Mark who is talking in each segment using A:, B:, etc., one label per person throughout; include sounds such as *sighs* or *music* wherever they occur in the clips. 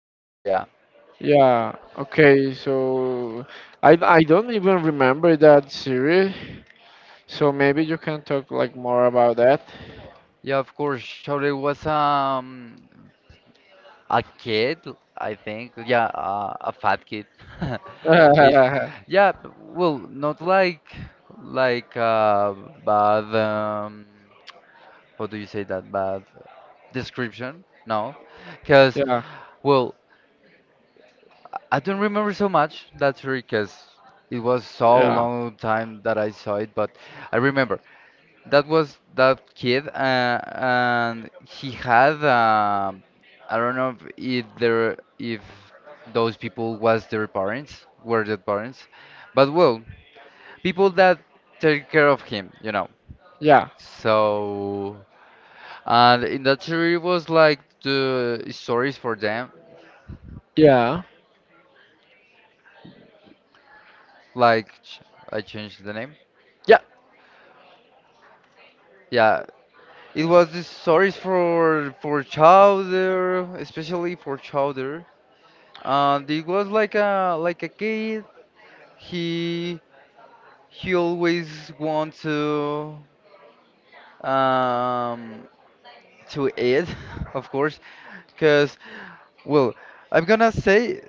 A: Chowder, yeah. Yeah, of course. Chowder was a kid, I think. Yeah, a fat kid. *laughs* If yeah, well, not like like uh bad what do you say that bad description? No. 'Cause well, I don't remember so much that series because it was so long time that I saw it, but I remember that was that kid, and he had I don't know if those people was their parents, were their parents, but well, people that take care of him. So and in that series was like the stories for them, like I changed the name. Yeah, it was the stories for Chowder, especially for Chowder. And it was like a kid. He he always wants um to eat, *laughs* of course, because well, I'm gonna say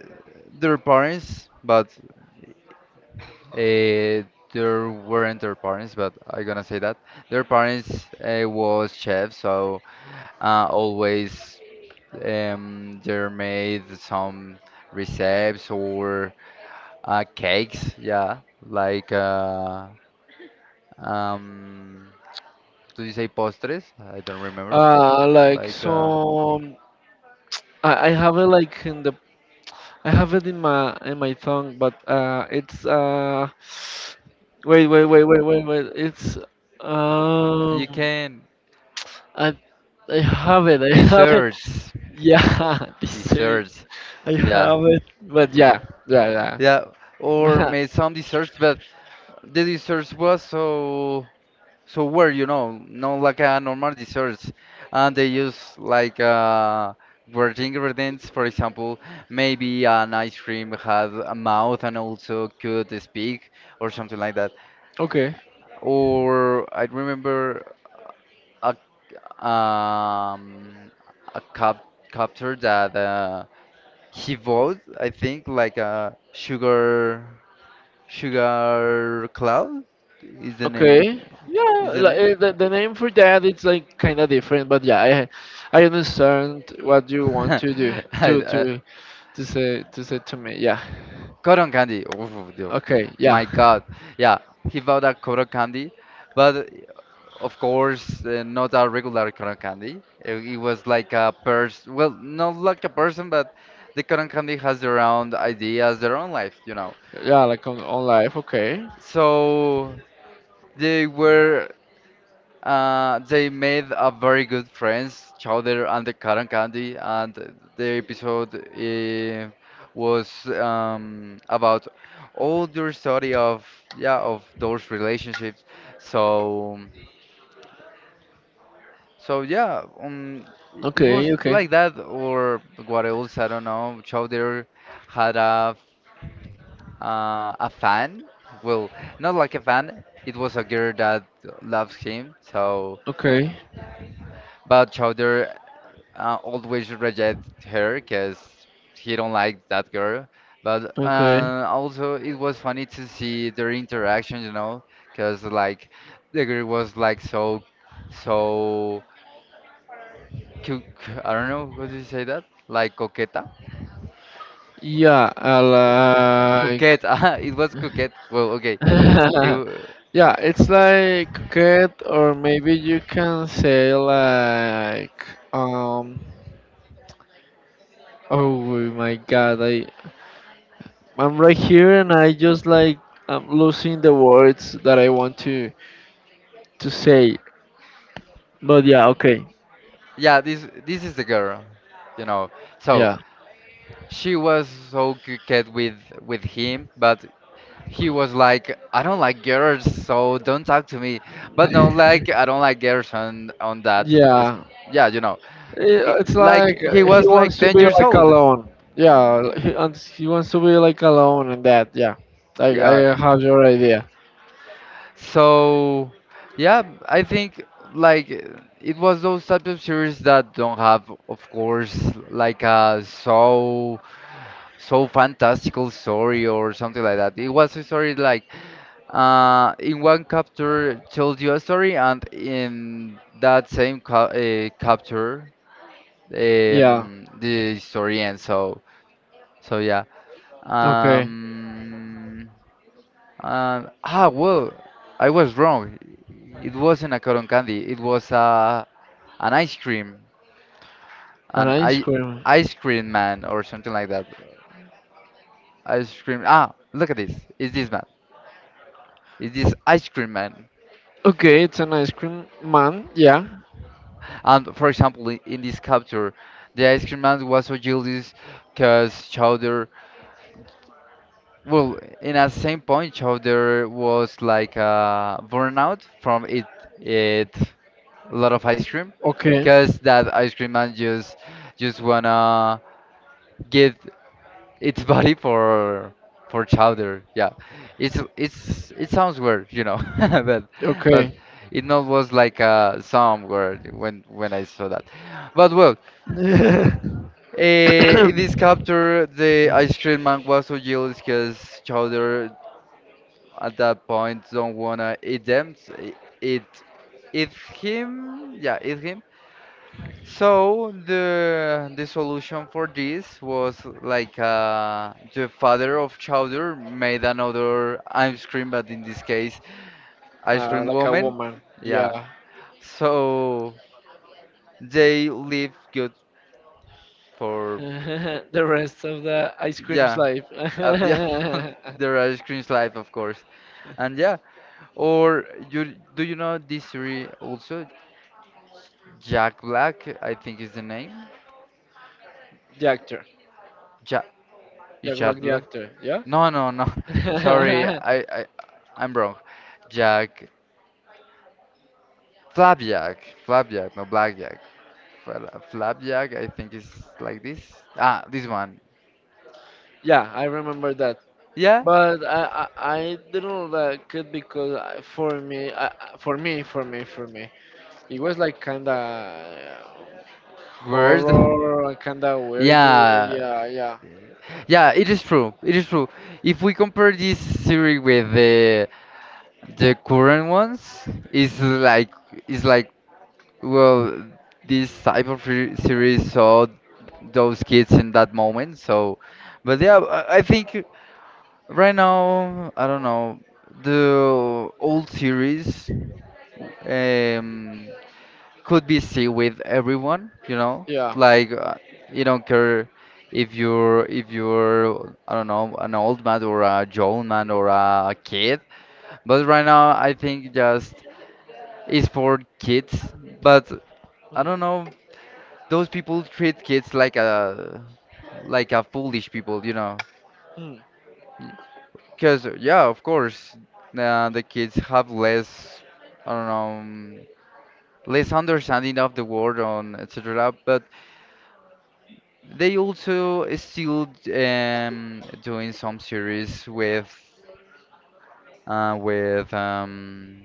A: their parents, but uh, there weren't their parents, but I'm gonna say that their parents was chefs, so always, they made some recipes or cakes, yeah, like um, do you say postres? I don't remember. Like you can desserts, desserts, yeah, yeah, or made some desserts, but the desserts was so where no like a normal desserts, and they use like weird ingredients. For example, maybe an ice cream has a mouth and also could speak or something like that. Or I remember a um a copter that he bought. I think like a sugar cloud is the name. Is the name? *laughs* I, Cotton candy. Oh, dude. My God. Yeah, he bought a cotton candy, but of course, not a regular cotton candy. It was like a person, well, not like a person, but the cotton candy has their own ideas, their own life. So they were they made a very good friends, Chowder and the Cotton Candy, and the episode was about all your story of yeah of those relationships. So so yeah, it was like that or what else? I don't know. Chowder had a fan. Well, not like a fan. It was a girl that loves him. So, but Chowder always reject her because he don't like that girl. But also it was funny to see their interaction, because like the girl was like so I don't know how do you say that? Like coqueta, coqueta. *laughs* It was coquette. Well, okay. It, w- yeah, this is the girl, you know. So she was so coquette with him, but he was like, I don't like girls, so don't talk to me. But no, like I don't like girls on that. Yeah, like he was like 10 years old. Yeah. So yeah, I think like it was those types of series that don't have, of course, like a so fantastical story or something like that. It was a story like in one capture tells you a story, and in that same ca capture, the story ends. So yeah. Um, and well, I was wrong. It wasn't a cotton candy. It was an ice cream, an I ice cream man or something like that. Ice cream. Look at this. Is this man? Is this ice cream man? And for example, in this capture, the ice cream man was so jealous because Chowder, well, in a same point, Chowder was like burnout from it a lot of ice cream, because that ice cream man just wanna get its *laughs* body for Chowder. Yeah, it sounds weird, *laughs* but it not was like some word when I saw that. But well, in this capture, the ice cream man was so jealous because Chowder at that point don't wanna eat them. It, it's him, yeah, it's him. So the solution for this was like the father of Chowder made another ice cream, but in this case, ice cream woman. Yeah. So they live good for yeah, uh, yeah, *laughs* their ice cream's life, of course. And yeah, or you do you know this series also? Jack Black, I think is the name. Jack Jack Black? No, no, no. *laughs* Sorry, I'm wrong. Jack Flapjack, Flapjack, no Blackjack. Flapjack, I think is like this. This one. Yeah, word. Yeah, yeah, it is true. It is true. If we compare this series with the current ones, it's like it's like well, this type of series saw those kids in that moment. So, but yeah, I think right now, I don't know, the old series um, could be seen with everyone, you know? Like, you don't care if you're I don't know an old man or a young man or a kid. But right now, I think just is for kids. But I don't know. Those people treat kids like a foolish people. Because yeah, of course, the kids have less, I don't know, less understanding of the world on etc. But they also still doing some series uh, with um,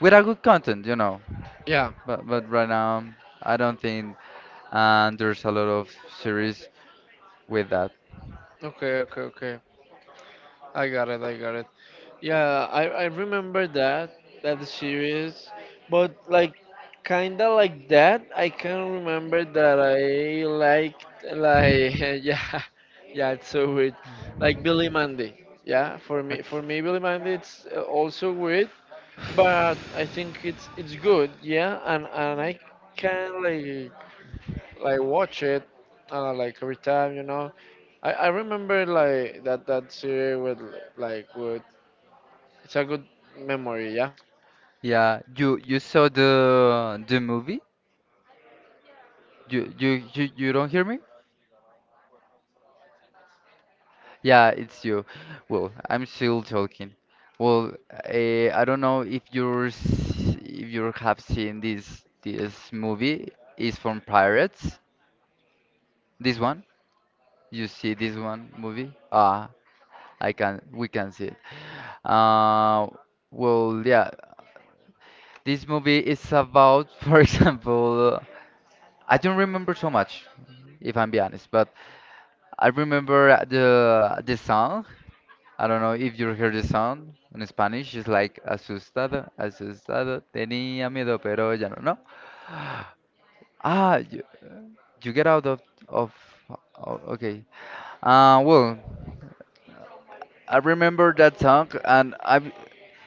A: with a good content. But right now, I don't think there's a lot of series with that. Okay. Yeah, you saw the movie? You don't hear me? Yeah, it's you. Well, I'm still talking. Well, I don't know if you have seen this movie. It's from Pirates. This one? You see this one movie? I can we can see it. Uh, well, yeah. This movie is about, *laughs* for example, I don't remember so much, if I'm be honest, but. I remember the song. I don't know if you heard the song in Spanish. It's like asustado, asustado, tenía miedo, pero ya no. No. Ah, you, you get out of. Oh, okay. Well, I remember that song, and I,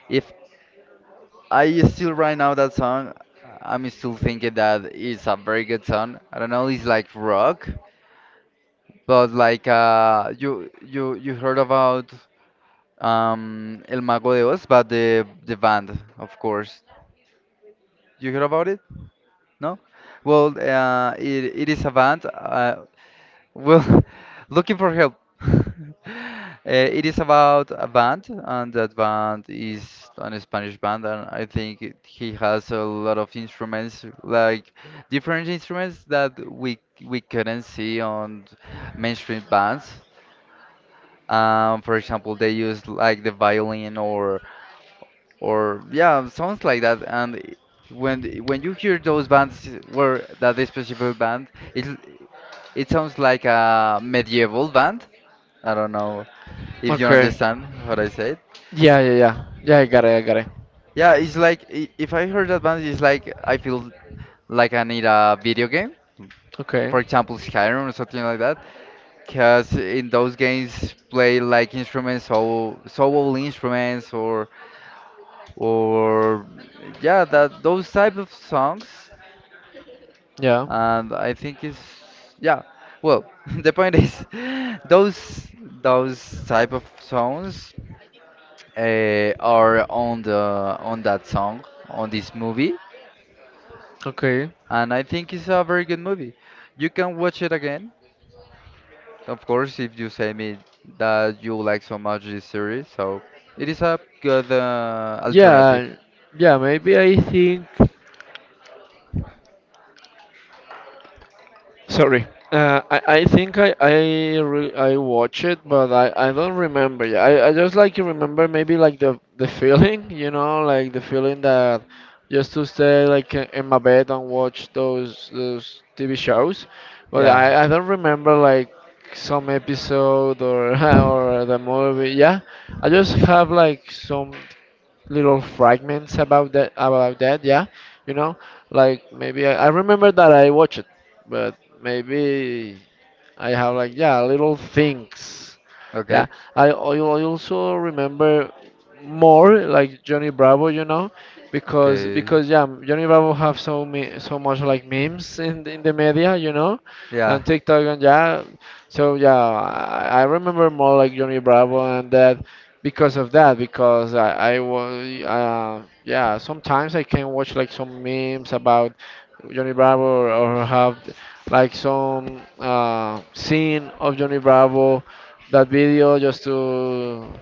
A: if I still right now that song, I'm still thinking that it's a very good song. I don't know. It's like rock, but like you heard about. El Mago de Oz, but the band, of course. You heard about it? No?
B: *laughs*
A: Well, it is a band. Uh,
B: Se pierde.
A: well, *laughs* looking for help. *laughs* It is about a band, and that band is an Spanish band, and I think he has a lot of instruments, like different instruments that we couldn't see on mainstream bands. For example, they use like the violin or yeah, sounds like that. And when you hear those bands where that this specific band, it it sounds like a medieval band. I don't know if you
B: Okay.
A: understand what I said.
B: Yeah, yeah, yeah. Yeah, I got it, I got it.
A: Yeah, it's like if I heard that band, it's like I feel like I need a video game,
B: Okay.
A: for example, Skyrim or something like that. Because in those games, play like instruments, so soul instruments, or yeah, that those type of songs
B: Yeah.
A: and I think it's yeah. Well, *laughs* the point is, *laughs* those type of songs are on that song on this movie,
B: Okay.
A: and I think it's a very good movie. You can watch it again, of course, if you say me that you like so much this series. So it is a good alternative.
B: Yeah. Yeah, maybe I think. Sorry. I think I watch it, but I don't remember. I just like remember maybe like the feeling, *laughs* you know, like the feeling that just to stay like in my bed and watch those TV shows. But
A: Yeah.
B: I don't remember like some episode or *laughs* or the movie. Yeah, I just have like some little fragments about that yeah you know like maybe I remember that I watched it but maybe I have like yeah little things.
A: Okay,
B: Yeah, I also remember more like Johnny Bravo, you know, because
A: okay,
B: because yeah Johnny Bravo have so me so much like memes in the media, you know,
A: yeah,
B: and TikTok and yeah. So yeah, I remember more like Johnny Bravo and that because of that because I was yeah sometimes I can watch like some memes about Johnny Bravo or have like some scene of Johnny Bravo, that video just to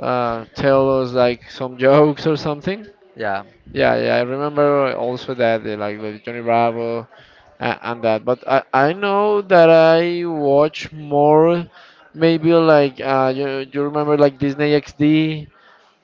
B: tell us like some jokes or something.
A: yeah.
B: Yeah, yeah, I remember also that like the Johnny Bravo and that. But I know that I watch more, maybe like you remember like Disney XD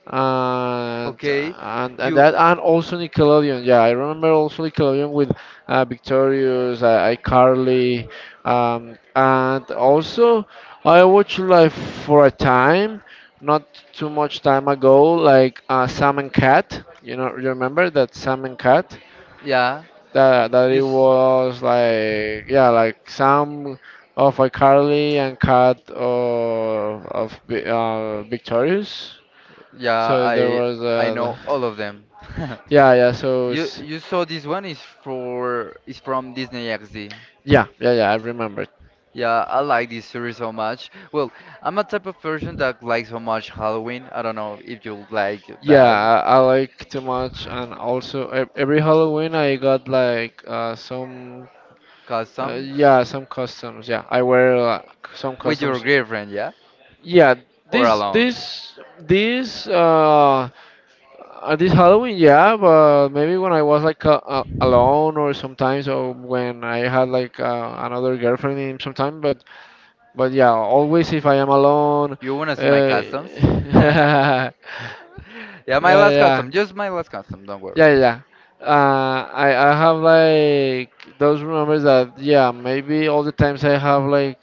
B: and
A: Okay,
B: and and
A: you,
B: that and also Nickelodeon. Yeah, I remember also Nickelodeon with Victorious, iCarly, and also I watched like for a time, not too much time ago, like Sam and Cat. You know, you remember that Sam and Cat?
A: yeah, you,
B: That
A: you
B: it
A: s-
B: was like yeah, like Sam of iCarly and Cat of Victorious.
A: yeah,
B: So there
A: I
B: was
A: I
B: the,
A: know all of them. *laughs*
B: yeah, yeah. So
A: You you saw this one is from Disney XD.
B: yeah, yeah, yeah. I remembered.
A: Yeah, I like this series so much. Well, I'm a type of person that likes so much Halloween. I don't know if you like
B: Yeah,
A: that
B: I like too much, and also every Halloween I got like some uh,
A: customs
B: yeah some costumes. Yeah, I wear like, some
A: with your
B: costumes.
A: girlfriend, yeah,
B: Yeah.
A: or
B: this
A: alone.
B: this this uh Uh, this Halloween, yeah, but maybe when I was like alone or sometimes, or when I had like another girlfriend in sometime. But yeah, always if I am alone.
A: You wanna see my
B: Uh, *laughs*
A: customs? *laughs*
B: yeah,
A: Yeah, my last
B: yeah,
A: custom,
B: yeah,
A: just my last custom. Don't worry.
B: yeah. I have like those remembers that yeah maybe all the times I have like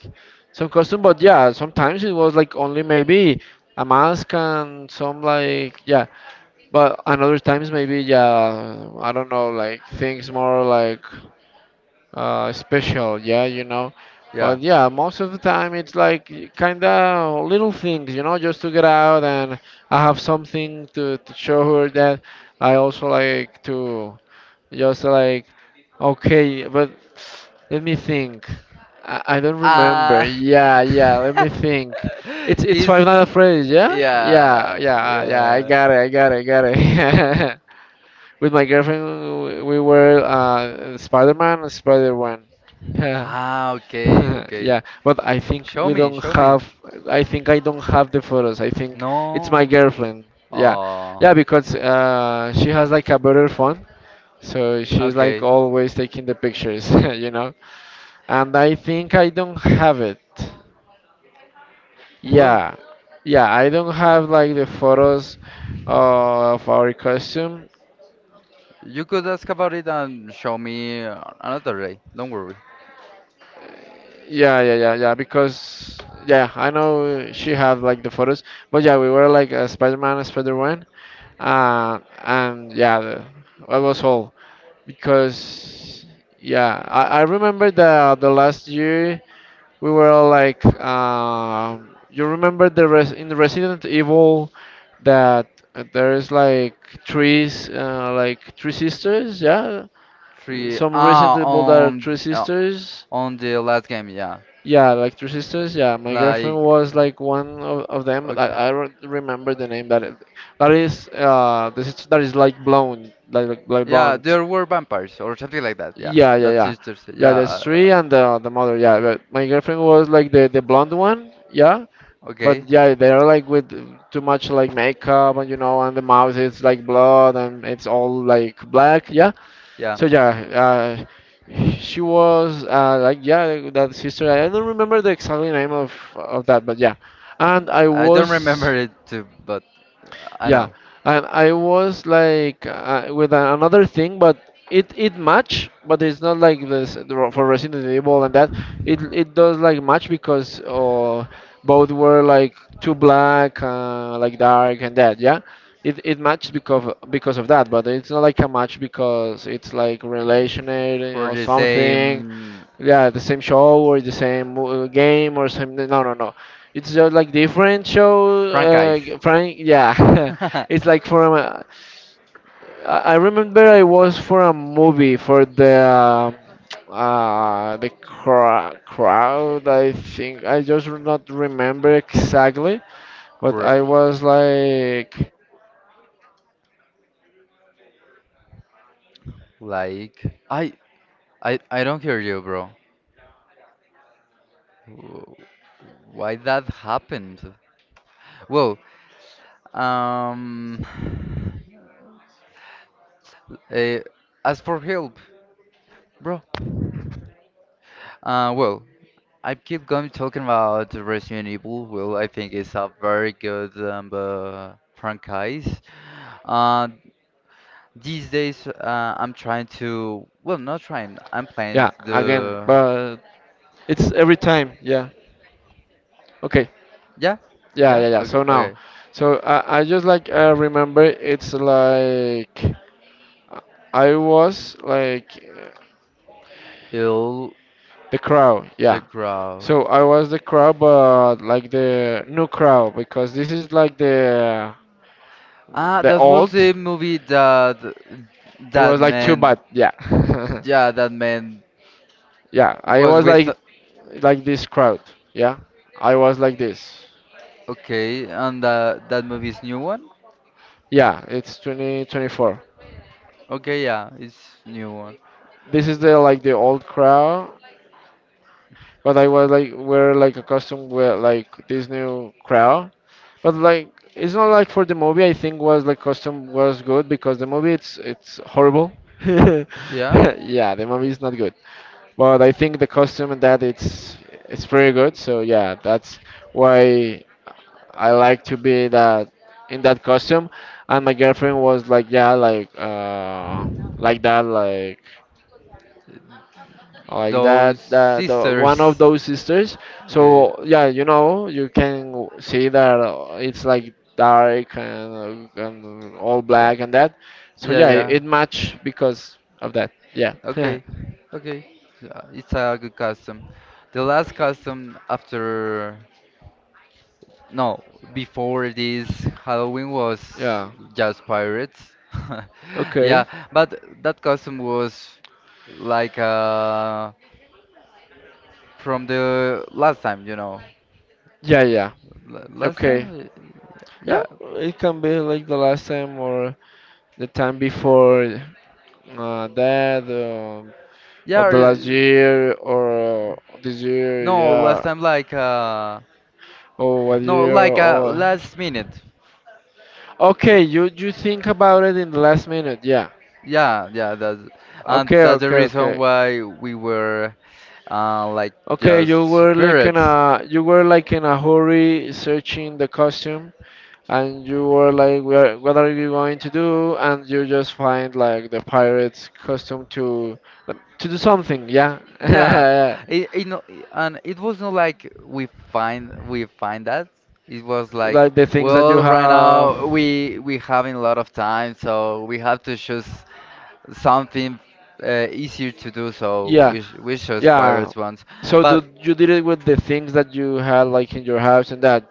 B: some costume, but yeah sometimes it was like only maybe a mask and some like yeah. But and other times maybe yeah, I don't know, like things more like special, yeah.
A: Yeah.
B: But yeah, most of the time it's like kinda little things, you know, just to get out and I have something to show her that I also like to. Just like, okay, but let me think. I don't remember.
A: Uh
B: Yeah, yeah. Let me think. It's
A: *laughs*
B: it's
A: is
B: Five Nights at Freddy's. Yeah, yeah,
A: yeah
B: yeah, yeah. I
A: yeah
B: got it. I got it. I got it. *laughs* With my girlfriend, we were Spider-Man and Spider-Man. Yeah.
A: Okay,
B: *laughs*
A: okay.
B: Yeah, but I think
A: Show
B: we
A: me,
B: don't
A: show me.
B: have. I think I don't have the photos. I think it's my
A: No.
B: girlfriend. Yeah,
A: Oh,
B: yeah, because she has like a better phone, so she's like
A: okay.
B: always taking the pictures, *laughs* you know? And I think I don't have it.
A: Well,
B: Yeah. Yeah, I don't have like the photos of our costume.
A: you could ask about it and show me another day. Don't worry.
B: Yeah, yeah, yeah, yeah, because yeah, I know she have like the photos, but yeah, we were like a Spider-Man, and yeah, that was all because yeah, I remember the last year we were all like, you remember the res in the Resident Evil that there is like trees, like three sisters, yeah. In
A: Three.
B: some Resident Evil that are
A: On
B: three
A: uh,
B: sisters.
A: on the last game, yeah.
B: Yeah, like three sisters. Yeah, my girlfriend
A: Like,
B: was like one of them.
A: okay.
B: I don't remember the name but that is the sister that is like blonde, like
A: Yeah,
B: blonde.
A: there were vampires or something like that. Yeah,
B: Yeah, yeah,
A: that's
B: yeah,
A: sisters.
B: yeah.
A: Yeah.
B: There's three and the mother. Yeah, but my girlfriend was like the blonde one. Yeah, but
A: Okay.
B: yeah, they're like with too much like makeup and you know, and the mouth is like blood and it's all like black. Yeah.
A: Yeah.
B: So yeah, she was like yeah, that sister. I don't remember the exact name of that, but yeah, and I
A: I don't
B: was.
A: remember it too, but I
B: Yeah,
A: know
B: and I was like with another thing, but it match, but it's not like for Resident Evil and that. It does like match because both were like too black, like dark and that. Yeah, it matched because of that, but it's not like a match because it's like relationated
A: for
B: or
A: the
B: something
A: same
B: yeah the same show or the same game or same no no no it's just like different show
A: franchise.
B: frank yeah *laughs* it's like
A: *laughs*
B: for a, I remember I was for a movie for the crowd I think I just do not remember exactly but
A: Cr-
B: I was like i was like just let
A: Like,
B: me
A: I, I don't hear you, bro.
B: yeah I'm like
A: W-
B: in
A: Why that
B: another
A: happened? Well,
B: Esa,
A: um,
B: mierda no tiene buena conexión, weón.
A: *sighs* eh, as for
B: Pero no
A: help,
B: entiendo por qué si está
A: bro.
B: conectado. Pero es que está conectado.
A: Uh,
B: Es
A: well,
B: que
A: I keep
B: se me está
A: going talking
B: desconectando a cada
A: about
B: rato.
A: Resident Evil.
B: Y
A: Well,
B: está,
A: I
B: o sea,
A: think
B: es con
A: it's a
B: cable y todo,
A: very good
B: pero a cada rato me saca.
A: franchise.
B: Y o sea, yo
A: Uh,
B: reconecto y vuelve, pero
A: these days, I'm
B: ya,
A: trying to, well, not trying. I'm
B: ya,
A: playing
B: again.
A: the,
B: But it's every time, yeah. Okay,
A: yeah,
B: yeah,
A: yeah,
B: yeah, yeah.
A: okay,
B: So now,
A: okay.
B: so I just like remember it's like I was like
A: Ill
B: The crow,
A: the
B: yeah. So I was the crow, but like the new crow because this is like the
A: Ah,
B: the
A: that was
B: old.
A: the movie that
B: It
A: that
B: was like too
A: man,
B: bad, yeah. *laughs*
A: yeah, that man
B: Yeah, I
A: was
B: was
A: with.
B: like this crowd. Yeah, I was like this.
A: Okay, and that movie's new one.
B: Yeah, it's 2024.
A: Okay, yeah, it's new one.
B: This is the like the old crowd, but I was like we're like accustomed with like this new crowd. But like, it's not like for the movie. I think was like costume was good because the movie it's horrible. *laughs* yeah,
A: Yeah,
B: the movie is not good. But I think the costume and that it's pretty good. So yeah, that's why I like to be that in that costume. And my girlfriend was like, yeah, like like that, like like
A: those
B: that that the one
A: sisters.
B: of
A: *laughs*
B: those sisters
A: Okay,
B: so yeah you know you can see that it's like dark and all
A: yeah,
B: black and that so
A: yeah,
B: yeah it,
A: yeah.
B: it match because of that yeah *laughs*
A: Okay, okay, yeah, it's a good custom. The last custom after No, before this, Halloween was
B: yeah
A: just pirates. *laughs* Yeah,
B: okay
A: but that costume was like uh from the last time, you know.
B: yeah yeah
A: L- Last
B: okay
A: time?
B: yeah
A: Yeah.
B: it can be like the last time or the time before that
A: Yeah.
B: or the last
A: uh,
B: year or this year
A: No, last
B: yeah
A: time
B: Oh, what
A: no,
B: year Oh,
A: last minute.
B: okay, you think about it in the last minute, yeah.
A: Yeah, yeah,
B: Okay,
A: that's the
B: okay,
A: reason
B: okay.
A: why we were like
B: Okay, you
A: just
B: were like in
A: pirates.
B: a you were like in a hurry searching the costume and you were like where, what are you going to do and you just find like the pirate's costume to do something, yeah.
A: Yeah,
B: *laughs*
A: it no, I- and it was not like we find that. It was like,
B: Like the things that you
A: well, right
B: have
A: now we having a lot of time, so we have to choose something easier to do. So
B: Yeah,
A: we chose
B: yeah.
A: pirates once,
B: So do
A: but
B: you did it with the things that you had like in your house and that,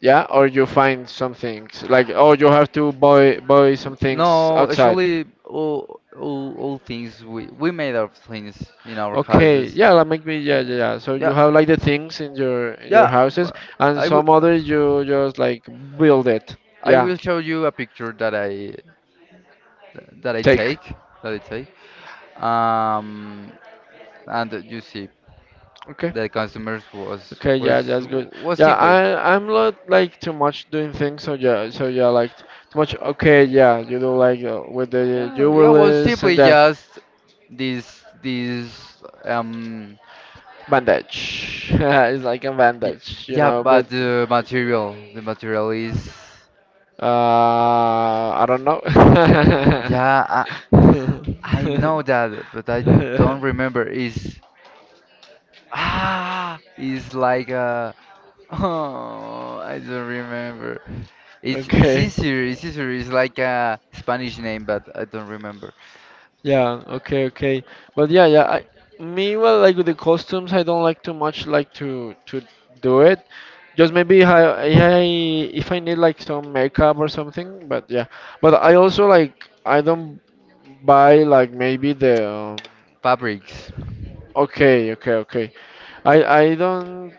B: yeah? Or you find some things like oh you have to buy some things
A: no,
B: outside.
A: actually all things we made our things in our
B: Okay,
A: houses.
B: yeah, that make me
A: Yeah,
B: yeah yeah yeah. So you
A: yeah,
B: have like the things in your
A: yeah,
B: houses
A: but
B: and
A: I will
B: some others you just like build it.
A: I
B: Yeah,
A: will show you a picture that that I
B: take.
A: take that I take um, and you see
B: Okay.
A: the customers was
B: Okay,
A: was
B: yeah, that's good.
A: was
B: Yeah,
A: simply.
B: I'm not like too much doing things, so yeah, like too much. Okay, yeah, you do like with the
A: Yeah was
B: jewelers and
A: simply
B: the
A: just this this um
B: bandage. *laughs* it's like a
A: y-
B: bandage, you
A: yeah,
B: know,
A: but
B: but
A: the material is.
B: I don't know.
A: yeah I, I know that, but I don't remember
B: *laughs*
A: is. Is like a *laughs* oh, I don't remember.
B: *laughs*
A: It's
B: okay.
A: easier. It's easier. It's like a Spanish name, but I don't remember.
B: Yeah, okay, okay. But yeah, yeah. Me, well, like with the costumes, I don't like too much like to do it. Just maybe I if I need like some makeup or something. But yeah, but I also like I don't buy like maybe the
A: Fabrics.
B: okay, okay, okay. I don't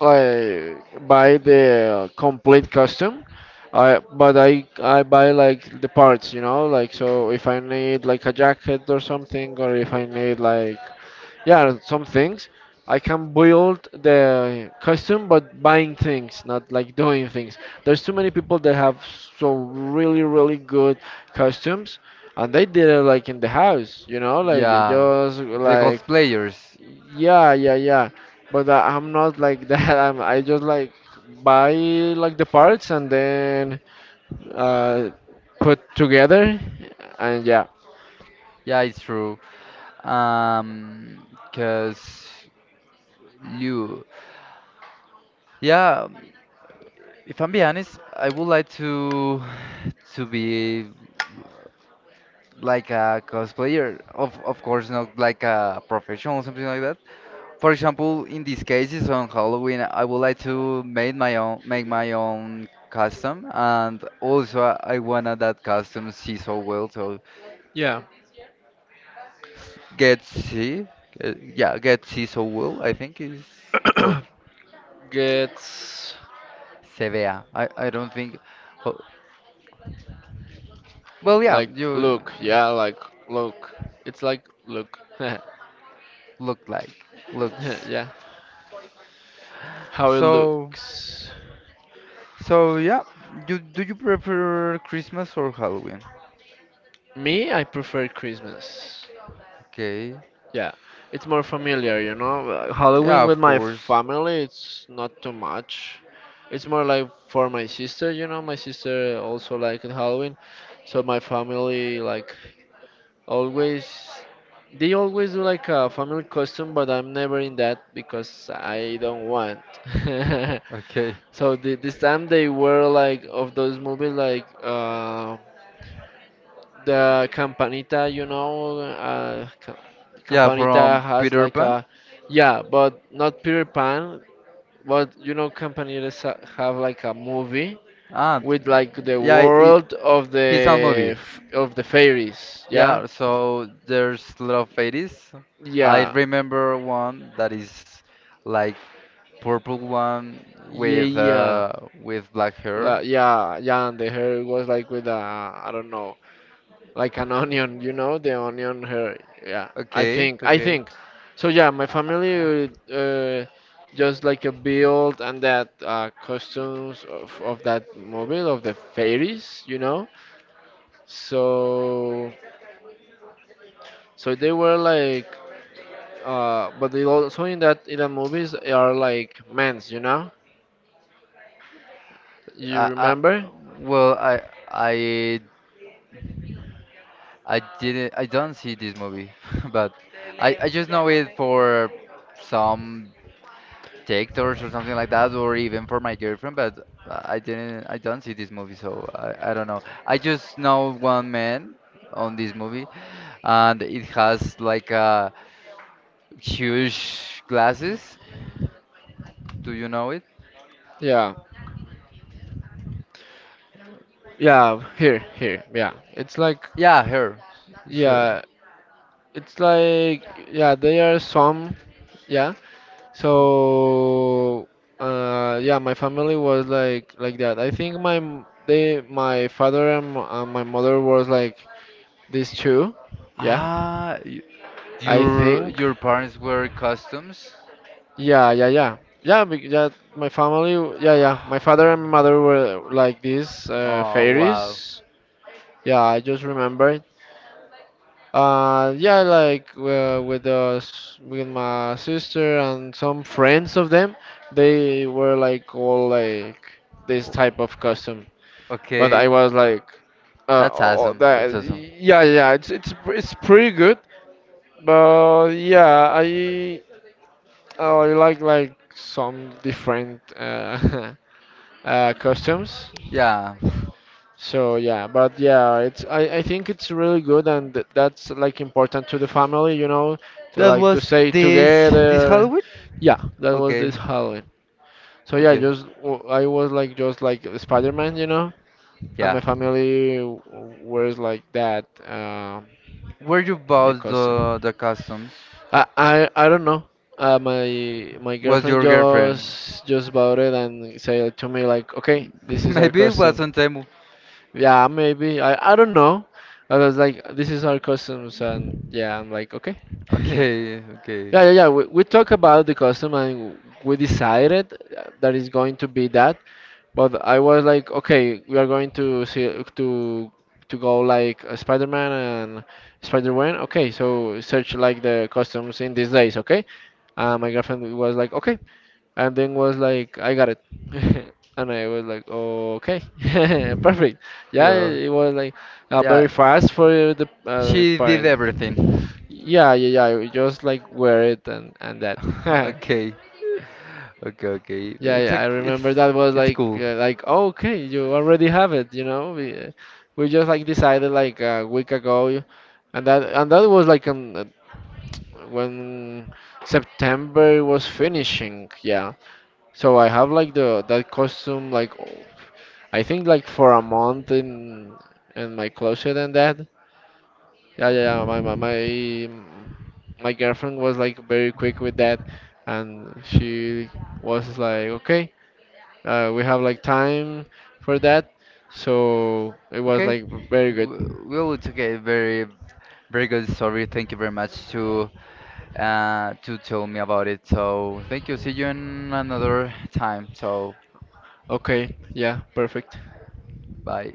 B: like buy the complete custom. I but I buy like the parts, you know, like so if I need like a jacket or something, or if I need like yeah some things, I can build the custom, but buying things, not like doing things. There's too many people that have so really good costumes and they did it like in the house, you know, like
A: Yeah,
B: just
A: the
B: like
A: cosplayers.
B: yeah, yeah, yeah. But I'm not like *laughs* that. I just like buy like the parts and then uh, put together and yeah.
A: Yeah, it's true. Um, cause you. Yeah, if I'm being honest, I would like to be like a cosplayer. Of course, not like a professional or something like that. For example, in these cases on Halloween, I would like to make my own custom, and also I wanna that custom see so well, so
B: Yeah,
A: get see, yeah, get see so well. I think is. well,
B: gets
A: Se vea. I don't think, ho- well, yeah,
B: like
A: you
B: look, yeah, like look. It's like look. *laughs*
A: look like looks.
B: Yeah, how it
A: So
B: looks.
A: so yeah, do do you prefer Christmas or Halloween?
B: Me, I prefer Christmas.
A: Okay,
B: Yeah, it's more familiar, you know.
A: yeah,
B: Halloween with
A: of
B: my
A: course.
B: family, it's not too much. It's more like for my sister, you know. My sister also liked Halloween, so my family like always. They always do like a family costume, but I'm never in that because I don't want. *laughs*
A: Okay,
B: So this time they were like of those movies like the Campanita, you know,
A: yeah,
B: Campanita
A: from
B: has
A: Peter
B: like
A: Pan.
B: a, yeah, but not Peter Pan, but you know, have like a movie
A: Ah, d-
B: with like the
A: yeah, it,
B: world of
A: he saw
B: the
A: movie.
B: of the fairies,
A: Yeah, so there's a lot of 80s. I
B: yeah,
A: remember one that is like purple one
B: yeah,
A: with
B: yeah,
A: uh with black hair.
B: yeah, and the hair was like with a, I don't know, like an onion, you know, the onion hair. Yeah,
A: Okay,
B: I
A: okay.
B: think. So yeah, my
A: Uh,
B: family just like a build and that costumes of that mobile of the fairies, you know. So so they were like, but they also in the movies are like men's, you know. You
A: I, I,
B: remember?
A: well, I I didn't I don't see this movie, *laughs* but I just know it for some detectives or something like that, or even for my girlfriend. But I didn't, I don't see this movie, so I don't know. I just know one man on this movie, and it has huge glasses. Do you know it?
B: Yeah, yeah. Here, here. Yeah, it's like.
A: Yeah, her. It's her.
B: Yeah, it's like yeah, they are some. Yeah.
A: Him.
B: So, yeah, my family was like that. I think my father and, and my mother was like these two. Yeah,
A: Ah, y-
B: I
A: your
B: think.
A: your parents wear costumes?
B: Yeah, yeah, yeah, Yeah, my family. Yeah, yeah. My father and mother were like these
A: Oh wow.
B: fairies. Yeah, I just remember. Yeah, like with us, with my sister and some friends of them, they were like all like this
A: O-
B: type of costume. But I
A: Okay,
B: was like,
A: that's awesome. That's awesome.
B: yeah, yeah, it's pretty good. But yeah, I like some different *laughs* costumes.
A: Yeah. *laughs*
B: So yeah, but yeah, it's I think it's really good and that's like important to the family, you know, to
A: That
B: like to
A: was
B: stay
A: this this
B: together.
A: Halloween?
B: Yeah, that was
A: Okay,
B: this Halloween. So yeah,
A: okay,
B: just I was like just like Spider-Man, you know, and
A: yeah.
B: wears like that
A: Where you
B: a
A: bought
B: costume.
A: the costumes?
B: I don't know. My
A: Was
B: girlfriend
A: your girlfriend?
B: just bought it and said to me like, okay, this
A: *laughs*
B: is our
A: Maybe it was
B: costume.
A: on Temu.
B: Yeah, maybe. I don't know. I was like, this is our customs, and yeah, I'm like, okay. *laughs*
A: Okay, okay.
B: Yeah. We talk about the custom and we decided that it's going to be that. But I was like, okay, we are going to see to go like Spider-Man and Spider-Man. Okay, so search like the customs in these days, okay? My girlfriend was like, okay, and then was like, I got it. *laughs* And I was like, okay, *laughs* perfect. Yeah,
A: Well,
B: it was like
A: yeah,
B: very fast for the
A: she did
B: part.
A: everything.
B: Yeah, yeah, yeah. I just like wear it and that.
A: *laughs*
B: *laughs*
A: Okay, okay, okay.
B: Yeah,
A: It's
B: yeah.
A: a,
B: I
A: it's
B: remember that was
A: it's
B: like
A: cool.
B: like, "Oh, okay, you already have it." You know, we just like decided like a week ago, and that was like when September was finishing. Yeah. So I have like the that costume I think like for a month in my closet and that. Yeah, yeah, yeah. My girlfriend was like very quick with that, and she was like, okay, we have like time for that. So it was
A: Okay.
B: like very good.
A: Well, it's okay. Very, very good story. Thank you very much to tell me about it. So thank you. See you in another time. So
B: Okay, yeah, perfect.
A: bye.